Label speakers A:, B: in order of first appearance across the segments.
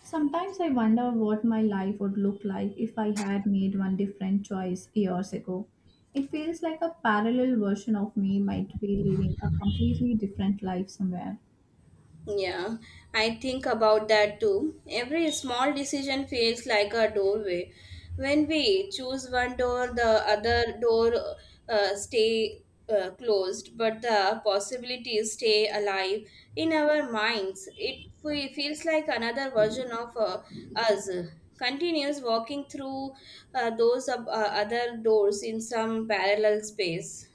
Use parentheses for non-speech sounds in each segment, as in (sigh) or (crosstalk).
A: Sometimes I wonder what my life would look like if I had made one different choice years ago. It feels like a parallel version of me might be living a completely different life somewhere.
B: Yeah, I think about that too. Every small decision feels like a doorway. When we choose one door, the other door stay closed, but the possibilities stay alive in our minds. It feels like another version of us continues walking through those other doors in some parallel space.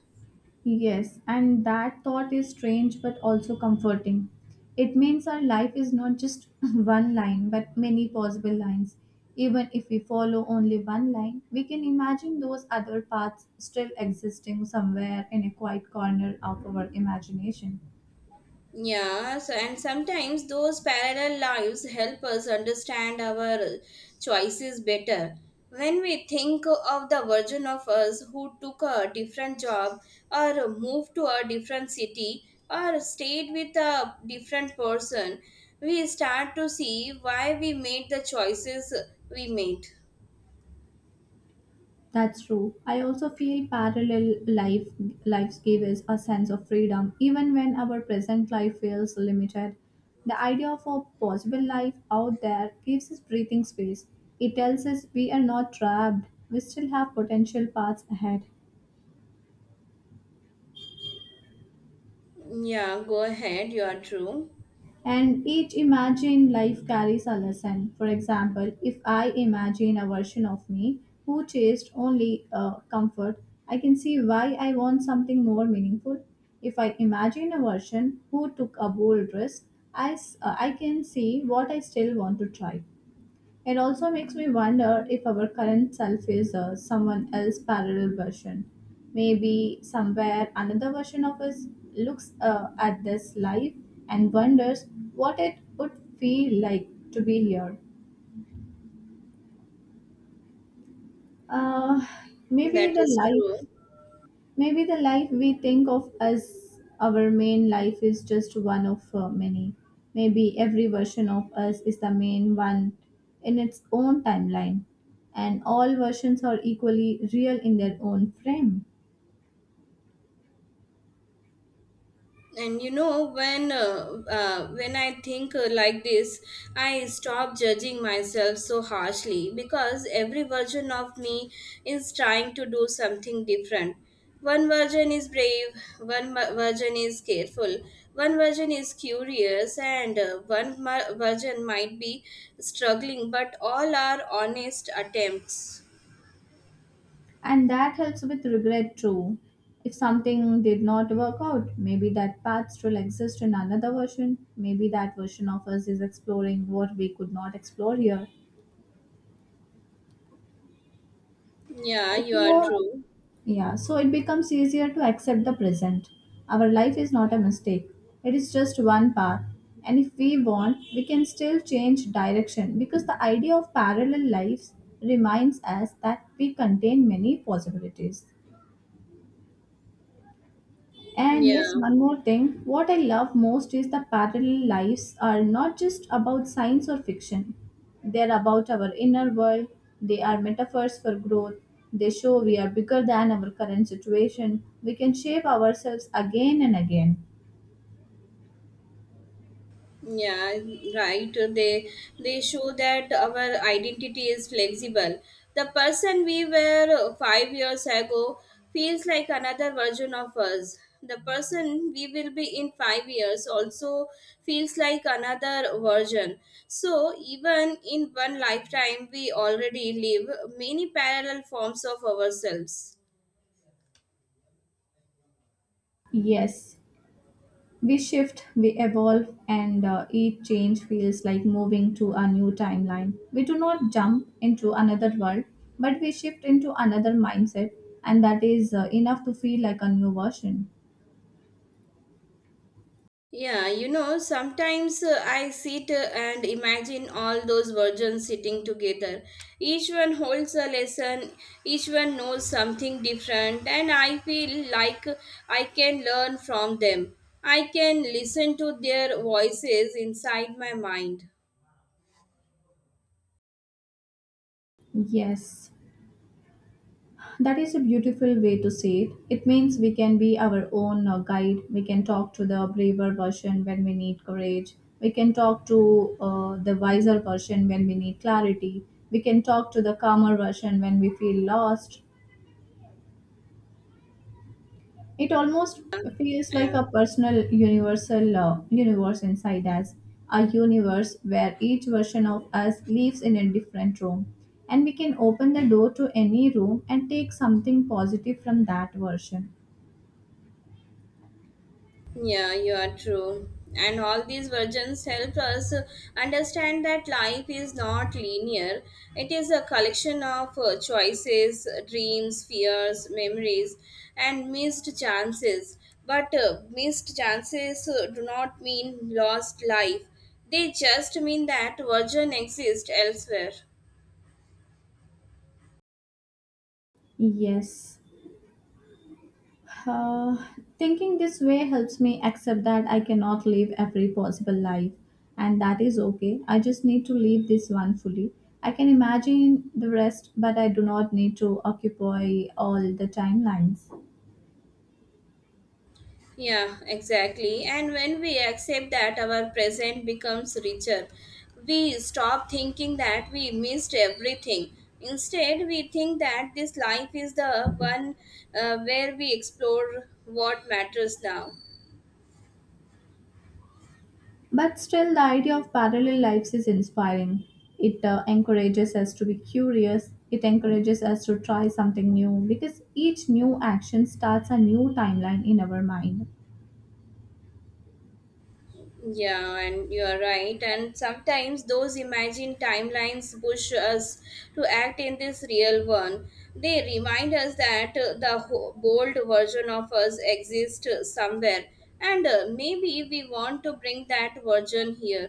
A: Yes, and that thought is strange but also comforting. It means our life is not just (laughs) one line but many possible lines. Even if we follow only one line, we can imagine those other paths still existing somewhere in a quiet corner of our imagination.
B: Yeah, so and sometimes those parallel lives help us understand our choices better. When we think of the version of us who took a different job or moved to a different city or stayed with a different person, we start to see why we made the choices we made.
A: That's true. I also feel parallel life lives give us a sense of freedom, even when our present life feels limited. The idea of a possible life out there gives us breathing space. It tells us we are not trapped. We still have potential paths ahead.
B: Yeah, go ahead, you are true.
A: And each imagined life carries a lesson. For example, if I imagine a version of me who chased only comfort, I can see why I want something more meaningful. If I imagine a version who took a bold risk, I can see what I still want to try. It also makes me wonder if our current self is someone else's parallel version. Maybe somewhere another version of us looks at this life and wonders what it would feel like to be here. Uh, maybe
B: That
A: the
B: is
A: life
B: true.
A: Maybe the life we think of as our main life is just one of many. Maybe every version of us is the main one in its own timeline, and all versions are equally real in their own frame.
B: And you know when I think like this, I stop judging myself so harshly, because every version of me is trying to do something different. One version is brave, one version is careful, one version is curious, and one version might be struggling, but all are honest attempts.
A: And that helps with regret too. If something did not work out, maybe that path still exists in another version. Maybe that version of us is exploring what we could not explore here.
B: Yeah, you are
A: Explore.
B: true.
A: Yeah, so it becomes easier to accept the present. Our life is not a mistake, it is just one path. And if we want, we can still change direction because the idea of parallel lives reminds us that we contain many possibilities. And yes,
B: Yeah.
A: one more thing. What I love most is the parallel lives are not just about science or fiction. They're about our inner world. They are metaphors for growth. They show we are bigger than our current situation. We can shape ourselves again and again.
B: Yeah, right. They show that our identity is flexible. The person we were 5 years ago feels like another version of us. The person we will be in 5 years also feels like another version. So even in one lifetime we already live many parallel forms of ourselves.
A: Yes, we shift, we evolve, and each change feels like moving to a new timeline. We do not jump into another world, but we shift into another mindset, and that is enough to feel like a new version.
B: Yeah, you know, sometimes I sit and imagine all those virgins sitting together. Each one holds a lesson, each one knows something different, and I feel like I can learn from them. I can listen to their voices inside my mind.
A: Yes, that is a beautiful way to say it. It means we can be our own guide. We can talk to the braver version when we need courage. We can talk to the wiser version when we need clarity. We can talk to the calmer version when we feel lost. It almost feels like
B: Yeah.
A: a personal universal universe inside us, a universe where each version of us lives in a different room. And we can open the door to any room and take something positive from that version.
B: Yeah, you are true. And all these versions help us understand that life is not linear. It is a collection of choices, dreams, fears, memories, and missed chances. But missed chances do not mean lost life, they just mean that version exists elsewhere.
A: Yes. Uh, Thinking this way helps me accept that I cannot live every possible life, and that is okay. I just need to live this one fully. I can imagine the rest, but I do not need to occupy all the timelines.
B: Yeah, exactly. And when we accept that, our present becomes richer. We stop thinking that we missed everything. Instead, we think that this life is the one where we explore what matters now.
A: But still, the idea of parallel lives is inspiring. It encourages us to be curious, it encourages us to try something new because each new action starts a new timeline in our mind.
B: Yeah, and you are right. And sometimes those imagined timelines push us to act in this real one. They remind us that the bold version of us exists somewhere, and maybe we want to bring that version here.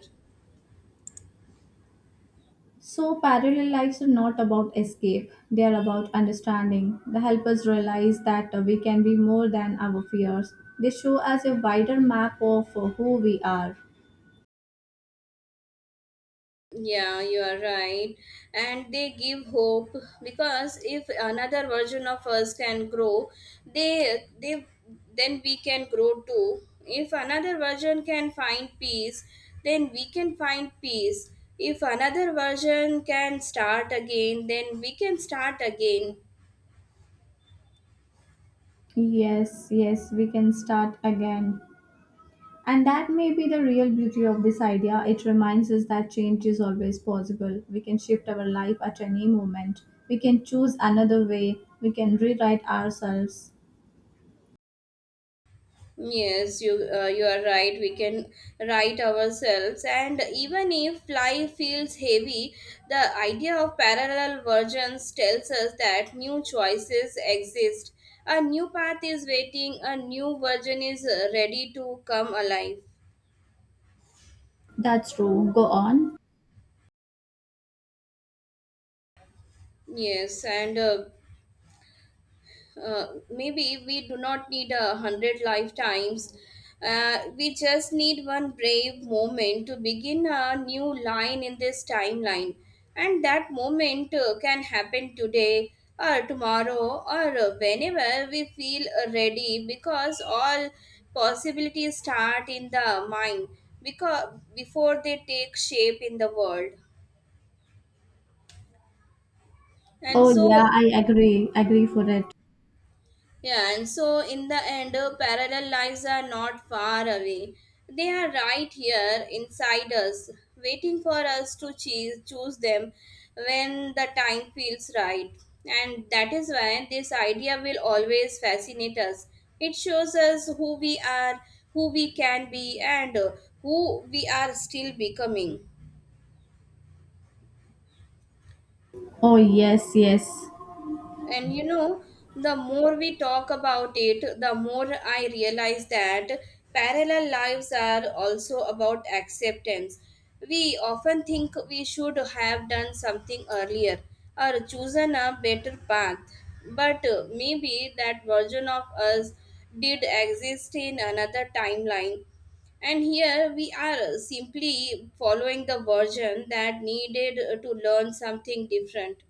A: So, parallel lives are not about escape, they are about understanding. They help us realize that we can be more than our fears. They show us a wider map of who we are.
B: Yeah, you are right. And they give hope, because if another version of us can grow, they then we can grow too. If another version can find peace, then we can find peace. If another version can start again, then we can start again.
A: Yes, yes, we can start again. And that may be the real beauty of this idea. It reminds us that change is always possible. We can shift our life at any moment. We can choose another way. We can rewrite ourselves.
B: Yes, you are right. We can write ourselves, and even if life feels heavy, the idea of parallel versions tells us that new choices exist. A new path is waiting. A new version is ready to come alive.
A: That's true. Go on.
B: Yes, and maybe we do not need a hundred lifetimes. We just need one brave moment to begin a new line in this timeline. And that moment can happen today or tomorrow or whenever we feel ready, because all possibilities start in the mind, because before they take shape in the world, and
A: Oh, yeah,
B: so.
A: I agree. Agree for it.
B: Yeah, and so in the end, parallel lives are not far away. They are right here inside us, waiting for us to choose, choose them when the time feels right. And that is why this idea will always fascinate us. It shows us who we are, who we can be, and who we are still becoming.
A: Oh, yes, yes.
B: And you know, the more we talk about it, the more I realize that parallel lives are also about acceptance. We often think we should have done something earlier or chosen a better path, but maybe that version of us did exist in another timeline. And here we are simply following the version that needed to learn something different.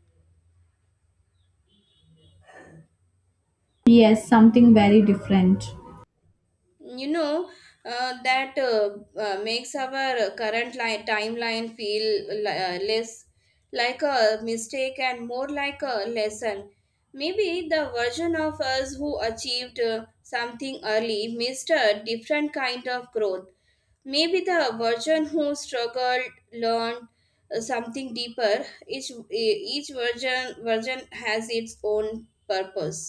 A: Yes, something very different.
B: You know, that makes our current timeline feel less like a mistake and more like a lesson. Maybe the version of us who achieved something early missed a different kind of growth. Maybe the version who struggled learned something deeper. Each version has its own purpose.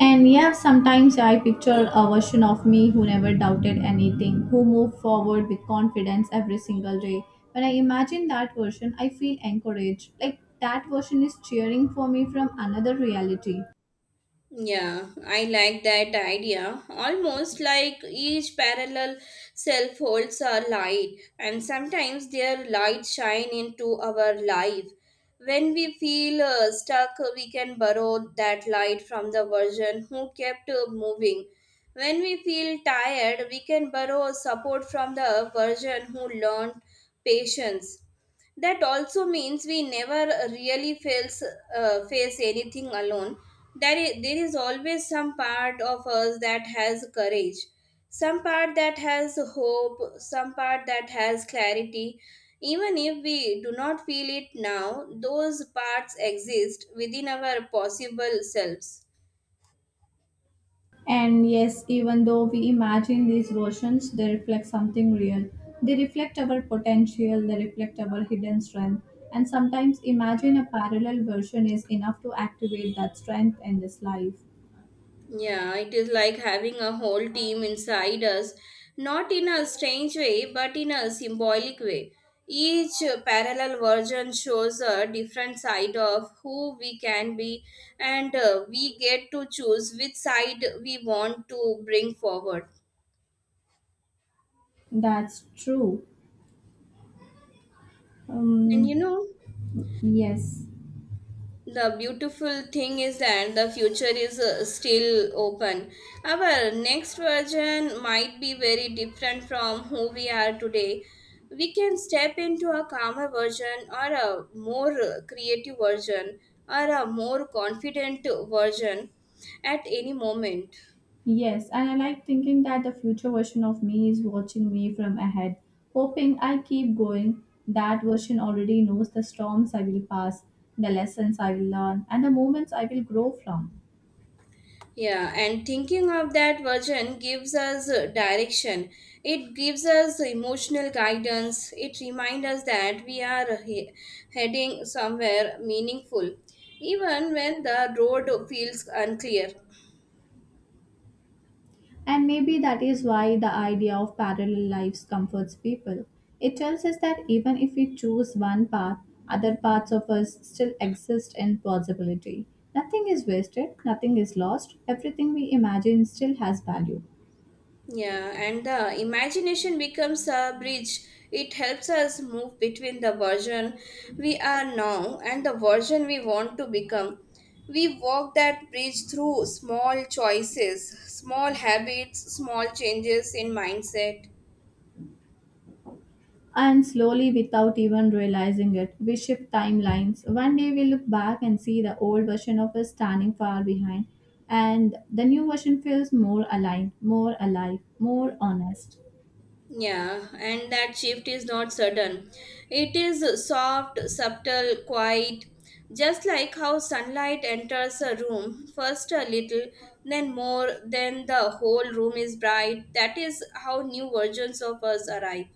A: And yeah, sometimes I picture a version of me who never doubted anything, who moved forward with confidence every single day. When I imagine that version, I feel encouraged. Like that version is cheering for me from another reality.
B: Yeah, I like that idea. Almost like each parallel self holds a light, and sometimes their light shine into our life. When we feel stuck, we can borrow that light from the version who kept moving. When we feel tired, we can borrow support from the version who learned patience. That also means we never really feels, face anything alone. There is always some part of us that has courage, some part that has hope, some part that has clarity. Even if we do not feel it now, those parts exist within our possible selves.
A: And yes, even though we imagine these versions, they reflect something real. They reflect our potential, they reflect our hidden strength. And sometimes imagine a parallel version is enough to activate that strength in this life.
B: Yeah, it is like having a whole team inside us, not in a strange way, but in a symbolic way. Each parallel version shows a different side of who we can be, and we get to choose which side we want to bring forward.
A: That's true.
B: And you
A: Um,
B: know,
A: yes.
B: the beautiful thing is that the future is still open. Our next version might be very different from who we are today. We can step into a calmer version or a more creative version or a more confident version at any moment.
A: Yes, and I like thinking that the future version of me is watching me from ahead, hoping I keep going. That version already knows the storms I will pass, the lessons I will learn, and the moments I will grow from.
B: Yeah, and thinking of that version gives us direction. It gives us emotional guidance. It reminds us that we are heading somewhere meaningful, even when the road feels unclear.
A: And maybe that is why the idea of parallel lives comforts people. It tells us that even if we choose one path, other parts of us still exist in possibility. Nothing is wasted, nothing is lost, everything we imagine still has value.
B: Yeah, and the imagination becomes a bridge. It helps us move between the version we are now and the version we want to become. We walk that bridge through small choices, small habits, small changes in mindset.
A: And slowly, without even realizing it, we shift timelines. One day we look back and see the old version of us standing far behind, and the new version feels more aligned, more alive, more honest.
B: Yeah, and that shift is not sudden. It is soft, subtle, quiet, just like how sunlight enters a room, first a little, then more, then the whole room is bright. That is how new versions of us arrive.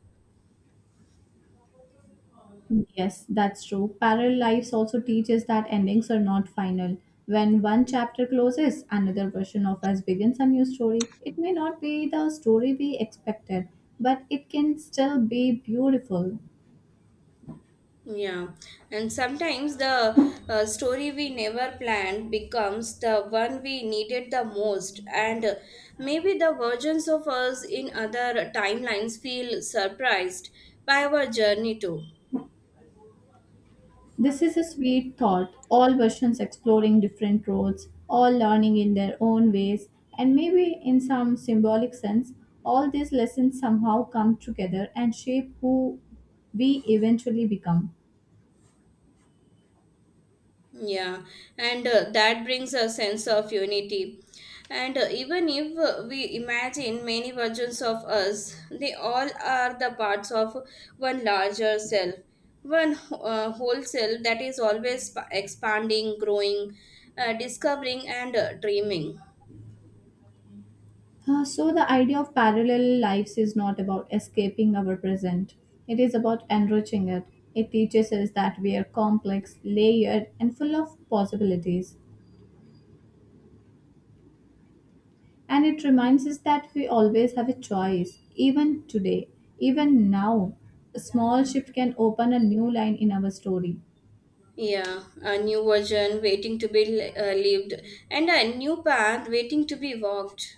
A: Yes, that's true. Parallel lives also teaches that endings are not final. When one chapter closes, another version of us begins a new story. It may not be the story we expected, but it can still be beautiful.
B: Yeah, and sometimes the story we never planned becomes the one we needed the most, and maybe the versions of us in other timelines feel surprised by our journey too.
A: This is a sweet thought. All versions exploring different roads, all learning in their own ways, and maybe in some symbolic sense, all these lessons somehow come together and shape who we eventually become.
B: Yeah, and that brings a sense of unity. And even if we imagine many versions of us, they all are the parts of one larger self, one whole self that is always expanding, growing, discovering, and dreaming.
A: So, the idea of parallel lives is not about escaping our present, it is about enriching it. It teaches us that we are complex, layered, and full of possibilities. And it reminds us that we always have a choice, even today, even now. A small shift can open a new line in our story.
B: Yeah, a new version waiting to be lived, and a new path waiting to be walked.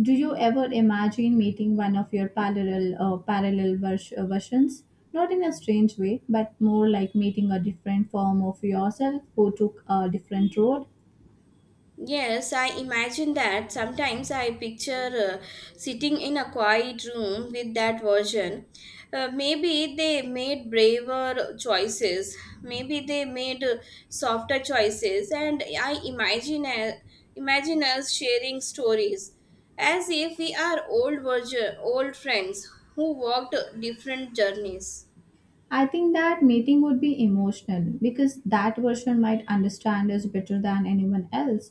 A: Do you ever imagine meeting one of your versions? Not in a strange way, but more like meeting a different form of yourself who took a different road.
B: Yes, I imagine that. Sometimes I picture sitting in a quiet room with that version. Maybe they made braver choices. Maybe they made softer choices, and I imagine imagine us sharing stories as if we are old version, old friends who walked different journeys.
A: I think that meeting would be emotional because that version might understand us better than anyone else.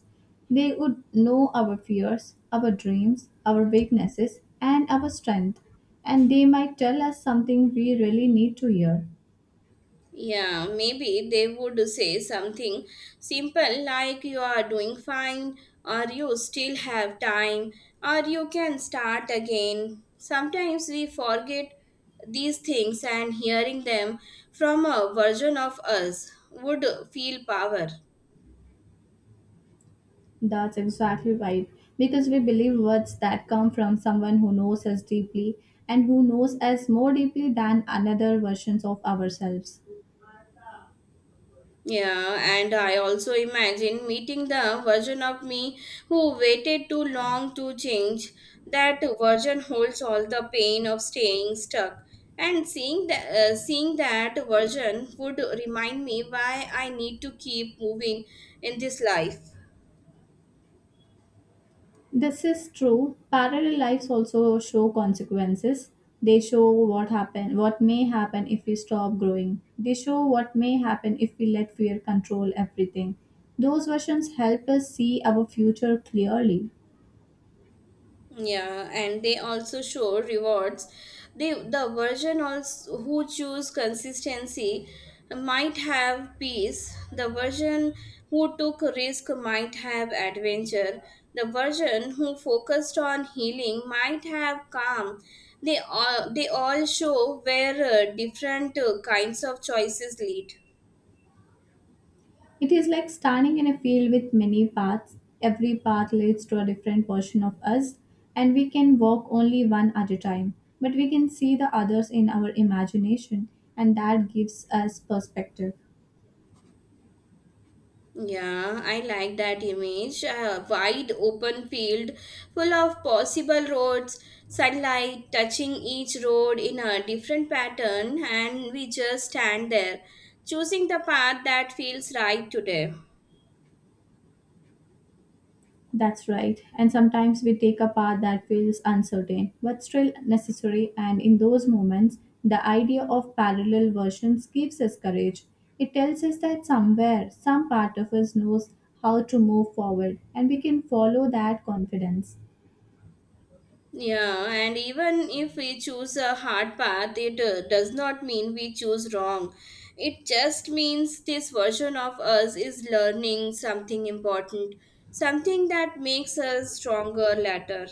A: They would know our fears, our dreams, our weaknesses, and our strength, and they might tell us something we really need to hear.
B: Yeah, maybe they would say something simple like you are doing fine, or you still have time, or you can start again. Sometimes we forget these things, and hearing them from a version of us would feel power.
A: That's exactly right. Because we believe words that come from someone who knows us deeply and who knows us more deeply than another versions of ourselves.
B: Yeah, and I also imagine meeting the version of me who waited too long to change. That version holds all the pain of staying stuck. And seeing that version would remind me why I need to keep moving in this life.
A: This is true. Parallel lives also show consequences. They show what may happen if we stop growing. They show what may happen if we let fear control everything. Those versions help us see our future clearly.
B: Yeah, and they also show rewards. They, the version also who choose consistency might have peace. The version who took risk might have adventure. The version who focused on healing might have calm. They all show where different kinds of choices lead.
A: It is like standing in a field with many paths. Every path leads to a different version of us, and we can walk only one at a time. But we can see the others in our imagination, and that gives us perspective.
B: Yeah, I like that image. A wide open field full of possible roads, sunlight touching each road in a different pattern, and we just stand there, choosing the path that feels right today.
A: That's right. And sometimes we take a path that feels uncertain, but still necessary. And in those moments, the idea of parallel versions gives us courage. It tells us that somewhere, some part of us knows how to move forward, and we can follow that confidence.
B: Yeah, and even if we choose a hard path, it does not mean we choose wrong. It just means this version of us is learning something important, something that makes us stronger later.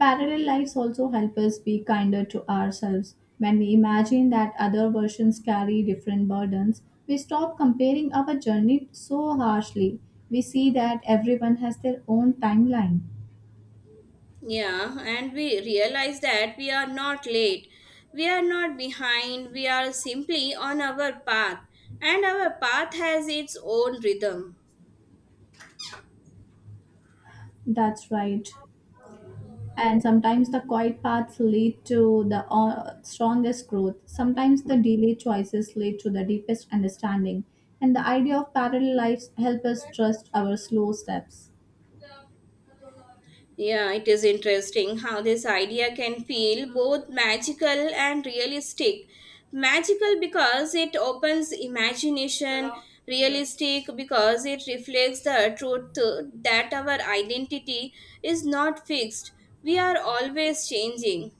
A: Parallel lives also help us be kinder to ourselves. When we imagine that other versions carry different burdens, we stop comparing our journey so harshly. We see that everyone has their own timeline.
B: Yeah, and we realize that we are not late. We are not behind. We are simply on our path, and our path has its own rhythm.
A: That's right. And sometimes the quiet paths lead to the strongest growth. Sometimes the delayed choices lead to the deepest understanding. And the idea of parallel lives help us trust our slow steps.
B: Yeah, it is interesting how this idea can feel both magical and realistic. Magical because it opens imagination, realistic because it reflects the truth that our identity is not fixed. We are always changing.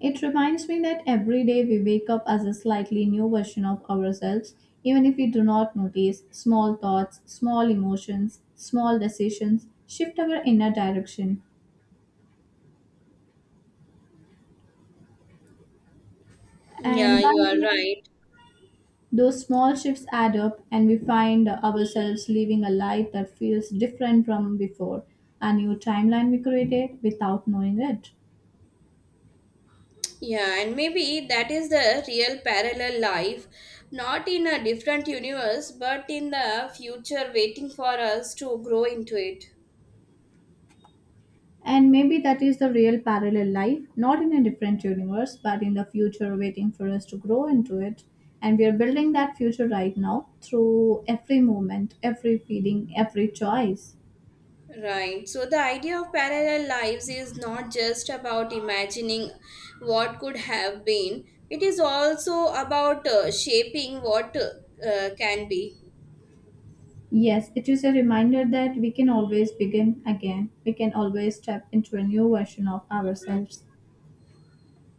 A: It reminds me that every day we wake up as a slightly new version of ourselves, even if we do not notice small thoughts, small emotions, small decisions shift our inner direction. And
B: Yeah,
A: by
B: you
A: the
B: are
A: way,
B: right.
A: those small shifts add up, and we find ourselves living a life that feels different from before, a new timeline we created without knowing it.
B: Yeah, and maybe that is the real parallel life, not in a different universe, but in the future waiting for us to grow into it.
A: And maybe that is the real parallel life, not in a different universe, but in the future waiting for us to grow into it. And we are building that future right now through every moment, every feeling, every choice.
B: Right. So the idea of parallel lives is not just about imagining what could have been, it is also about shaping what can be.
A: Yes, it is a reminder that we can always begin again. We can always step into a new version of ourselves.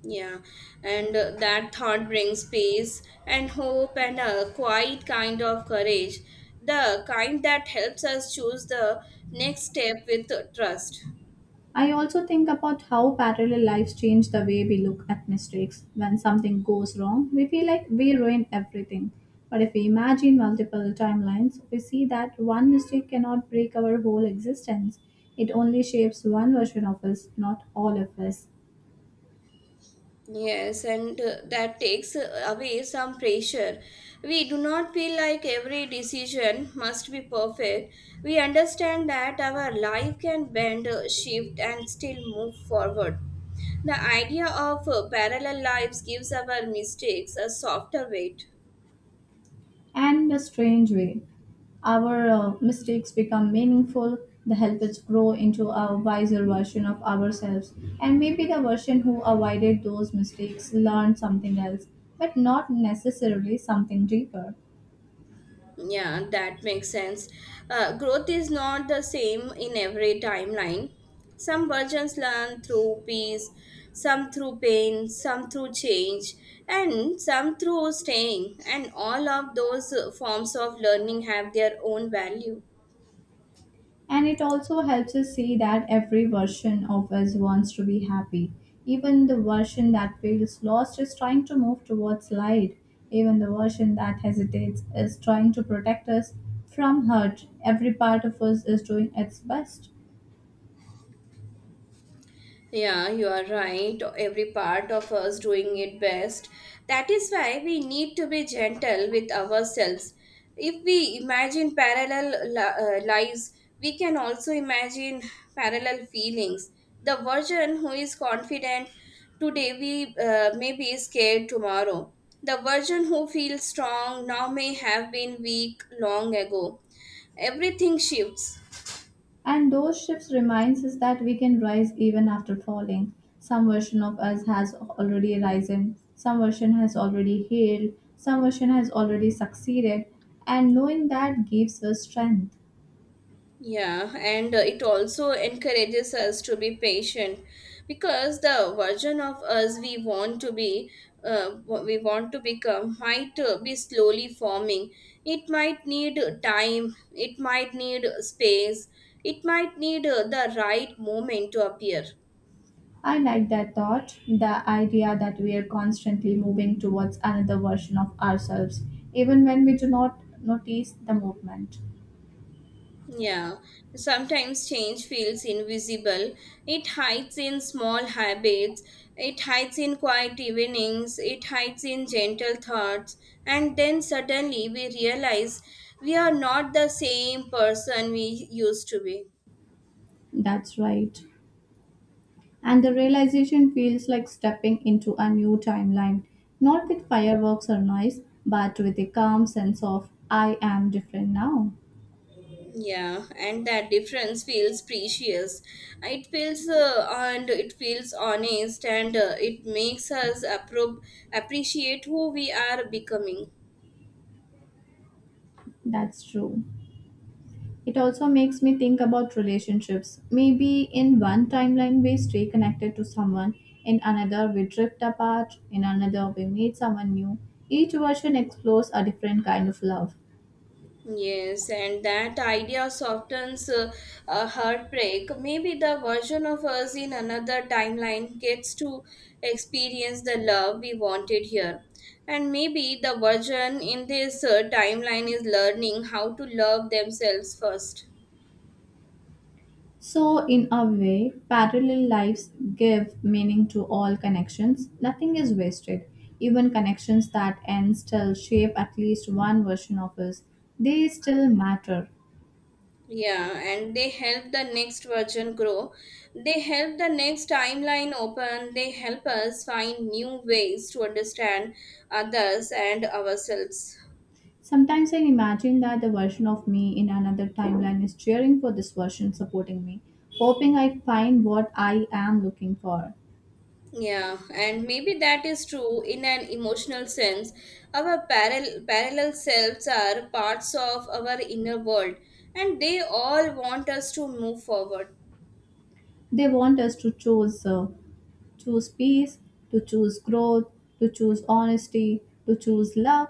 B: Yeah, and that thought brings peace and hope and a quiet kind of courage, the kind that helps us choose the next step with trust.
A: I also think about how parallel lives change the way we look at mistakes. When something goes wrong, we feel like we ruined everything. But if we imagine multiple timelines, we see that one mistake cannot break our whole existence. It only shapes one version of us, not all of us.
B: Yes, and that takes away some pressure. We do not feel like every decision must be perfect. We understand that our life can bend, shift, and still move forward. The idea of parallel lives gives our mistakes a softer weight.
A: And a strange way, our mistakes become meaningful. They help us grow into a wiser version of ourselves. And maybe the version who avoided those mistakes learned something else, but not necessarily something deeper.
B: Yeah, that makes sense. Growth is not the same in every timeline. Some versions learn through peace, some through pain, some through change, and some through staying. And all of those forms of learning have their own value.
A: And it also helps us see that every version of us wants to be happy. Even the version that feels lost is trying to move towards light. Even the version that hesitates is trying to protect us from hurt. Every part of us is doing its best.
B: Yeah, you are right. Every part of us doing it best. That is why we need to be gentle with ourselves. If we imagine parallel lives, we can also imagine parallel feelings. The version who is confident today we may be scared tomorrow. The version who feels strong now may have been weak long ago. Everything shifts.
A: And those shifts reminds us that we can rise even after falling. Some version of us has already risen, some version has already healed, some version has already succeeded, and knowing that gives us strength.
B: Yeah, and it also encourages us to be patient, because the version of us we want to be, what we want to become, might be slowly forming. It might need time, it might need space, it might need the right moment to appear.
A: I like that thought, the idea that we are constantly moving towards another version of ourselves, even when we do not notice the movement.
B: Yeah, sometimes change feels invisible. It hides in small habits, it hides in quiet evenings, it hides in gentle thoughts, and then suddenly we realize we are not the same person we used to be.
A: That's right. And the realization feels like stepping into a new timeline, not with fireworks or noise, but with a calm sense of, I am different now.
B: Yeah, and that difference feels precious. It feels and it feels honest, and it makes us appreciate who we are becoming.
A: That's true. It also makes me think about relationships. Maybe in one timeline we stay connected to someone, in another we drift apart, in another we meet someone new. Each version explores a different kind of love.
B: Yes, and that idea softens a heartbreak. Maybe the version of us in another timeline gets to experience the love we wanted here. And maybe the version in this timeline is learning how to love themselves first.
A: So, in a way, parallel lives give meaning to all connections. Nothing is wasted. Even connections that end still shape at least one version of us. They still matter.
B: Yeah, and they help the next version grow. They help the next timeline open. They help us find new ways to understand others and ourselves.
A: Sometimes I imagine that the version of me in another timeline is cheering for this version, supporting me, hoping I find what I am looking for.
B: Yeah, and maybe that is true in an emotional sense. Our parallel selves are parts of our inner world, and they all want us to move forward.
A: They want us to choose peace, to choose growth, to choose honesty, to choose love.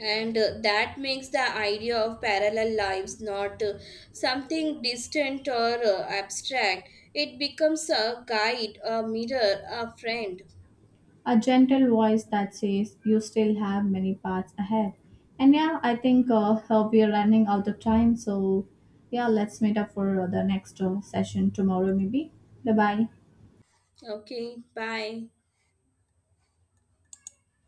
B: And that makes the idea of parallel lives not something distant or abstract. It becomes a guide, a mirror, a friend.
A: A gentle voice that says you still have many paths ahead. And yeah, I think we are running out of time. So yeah, let's meet up for the next session tomorrow, maybe. Bye bye.
B: Okay, bye.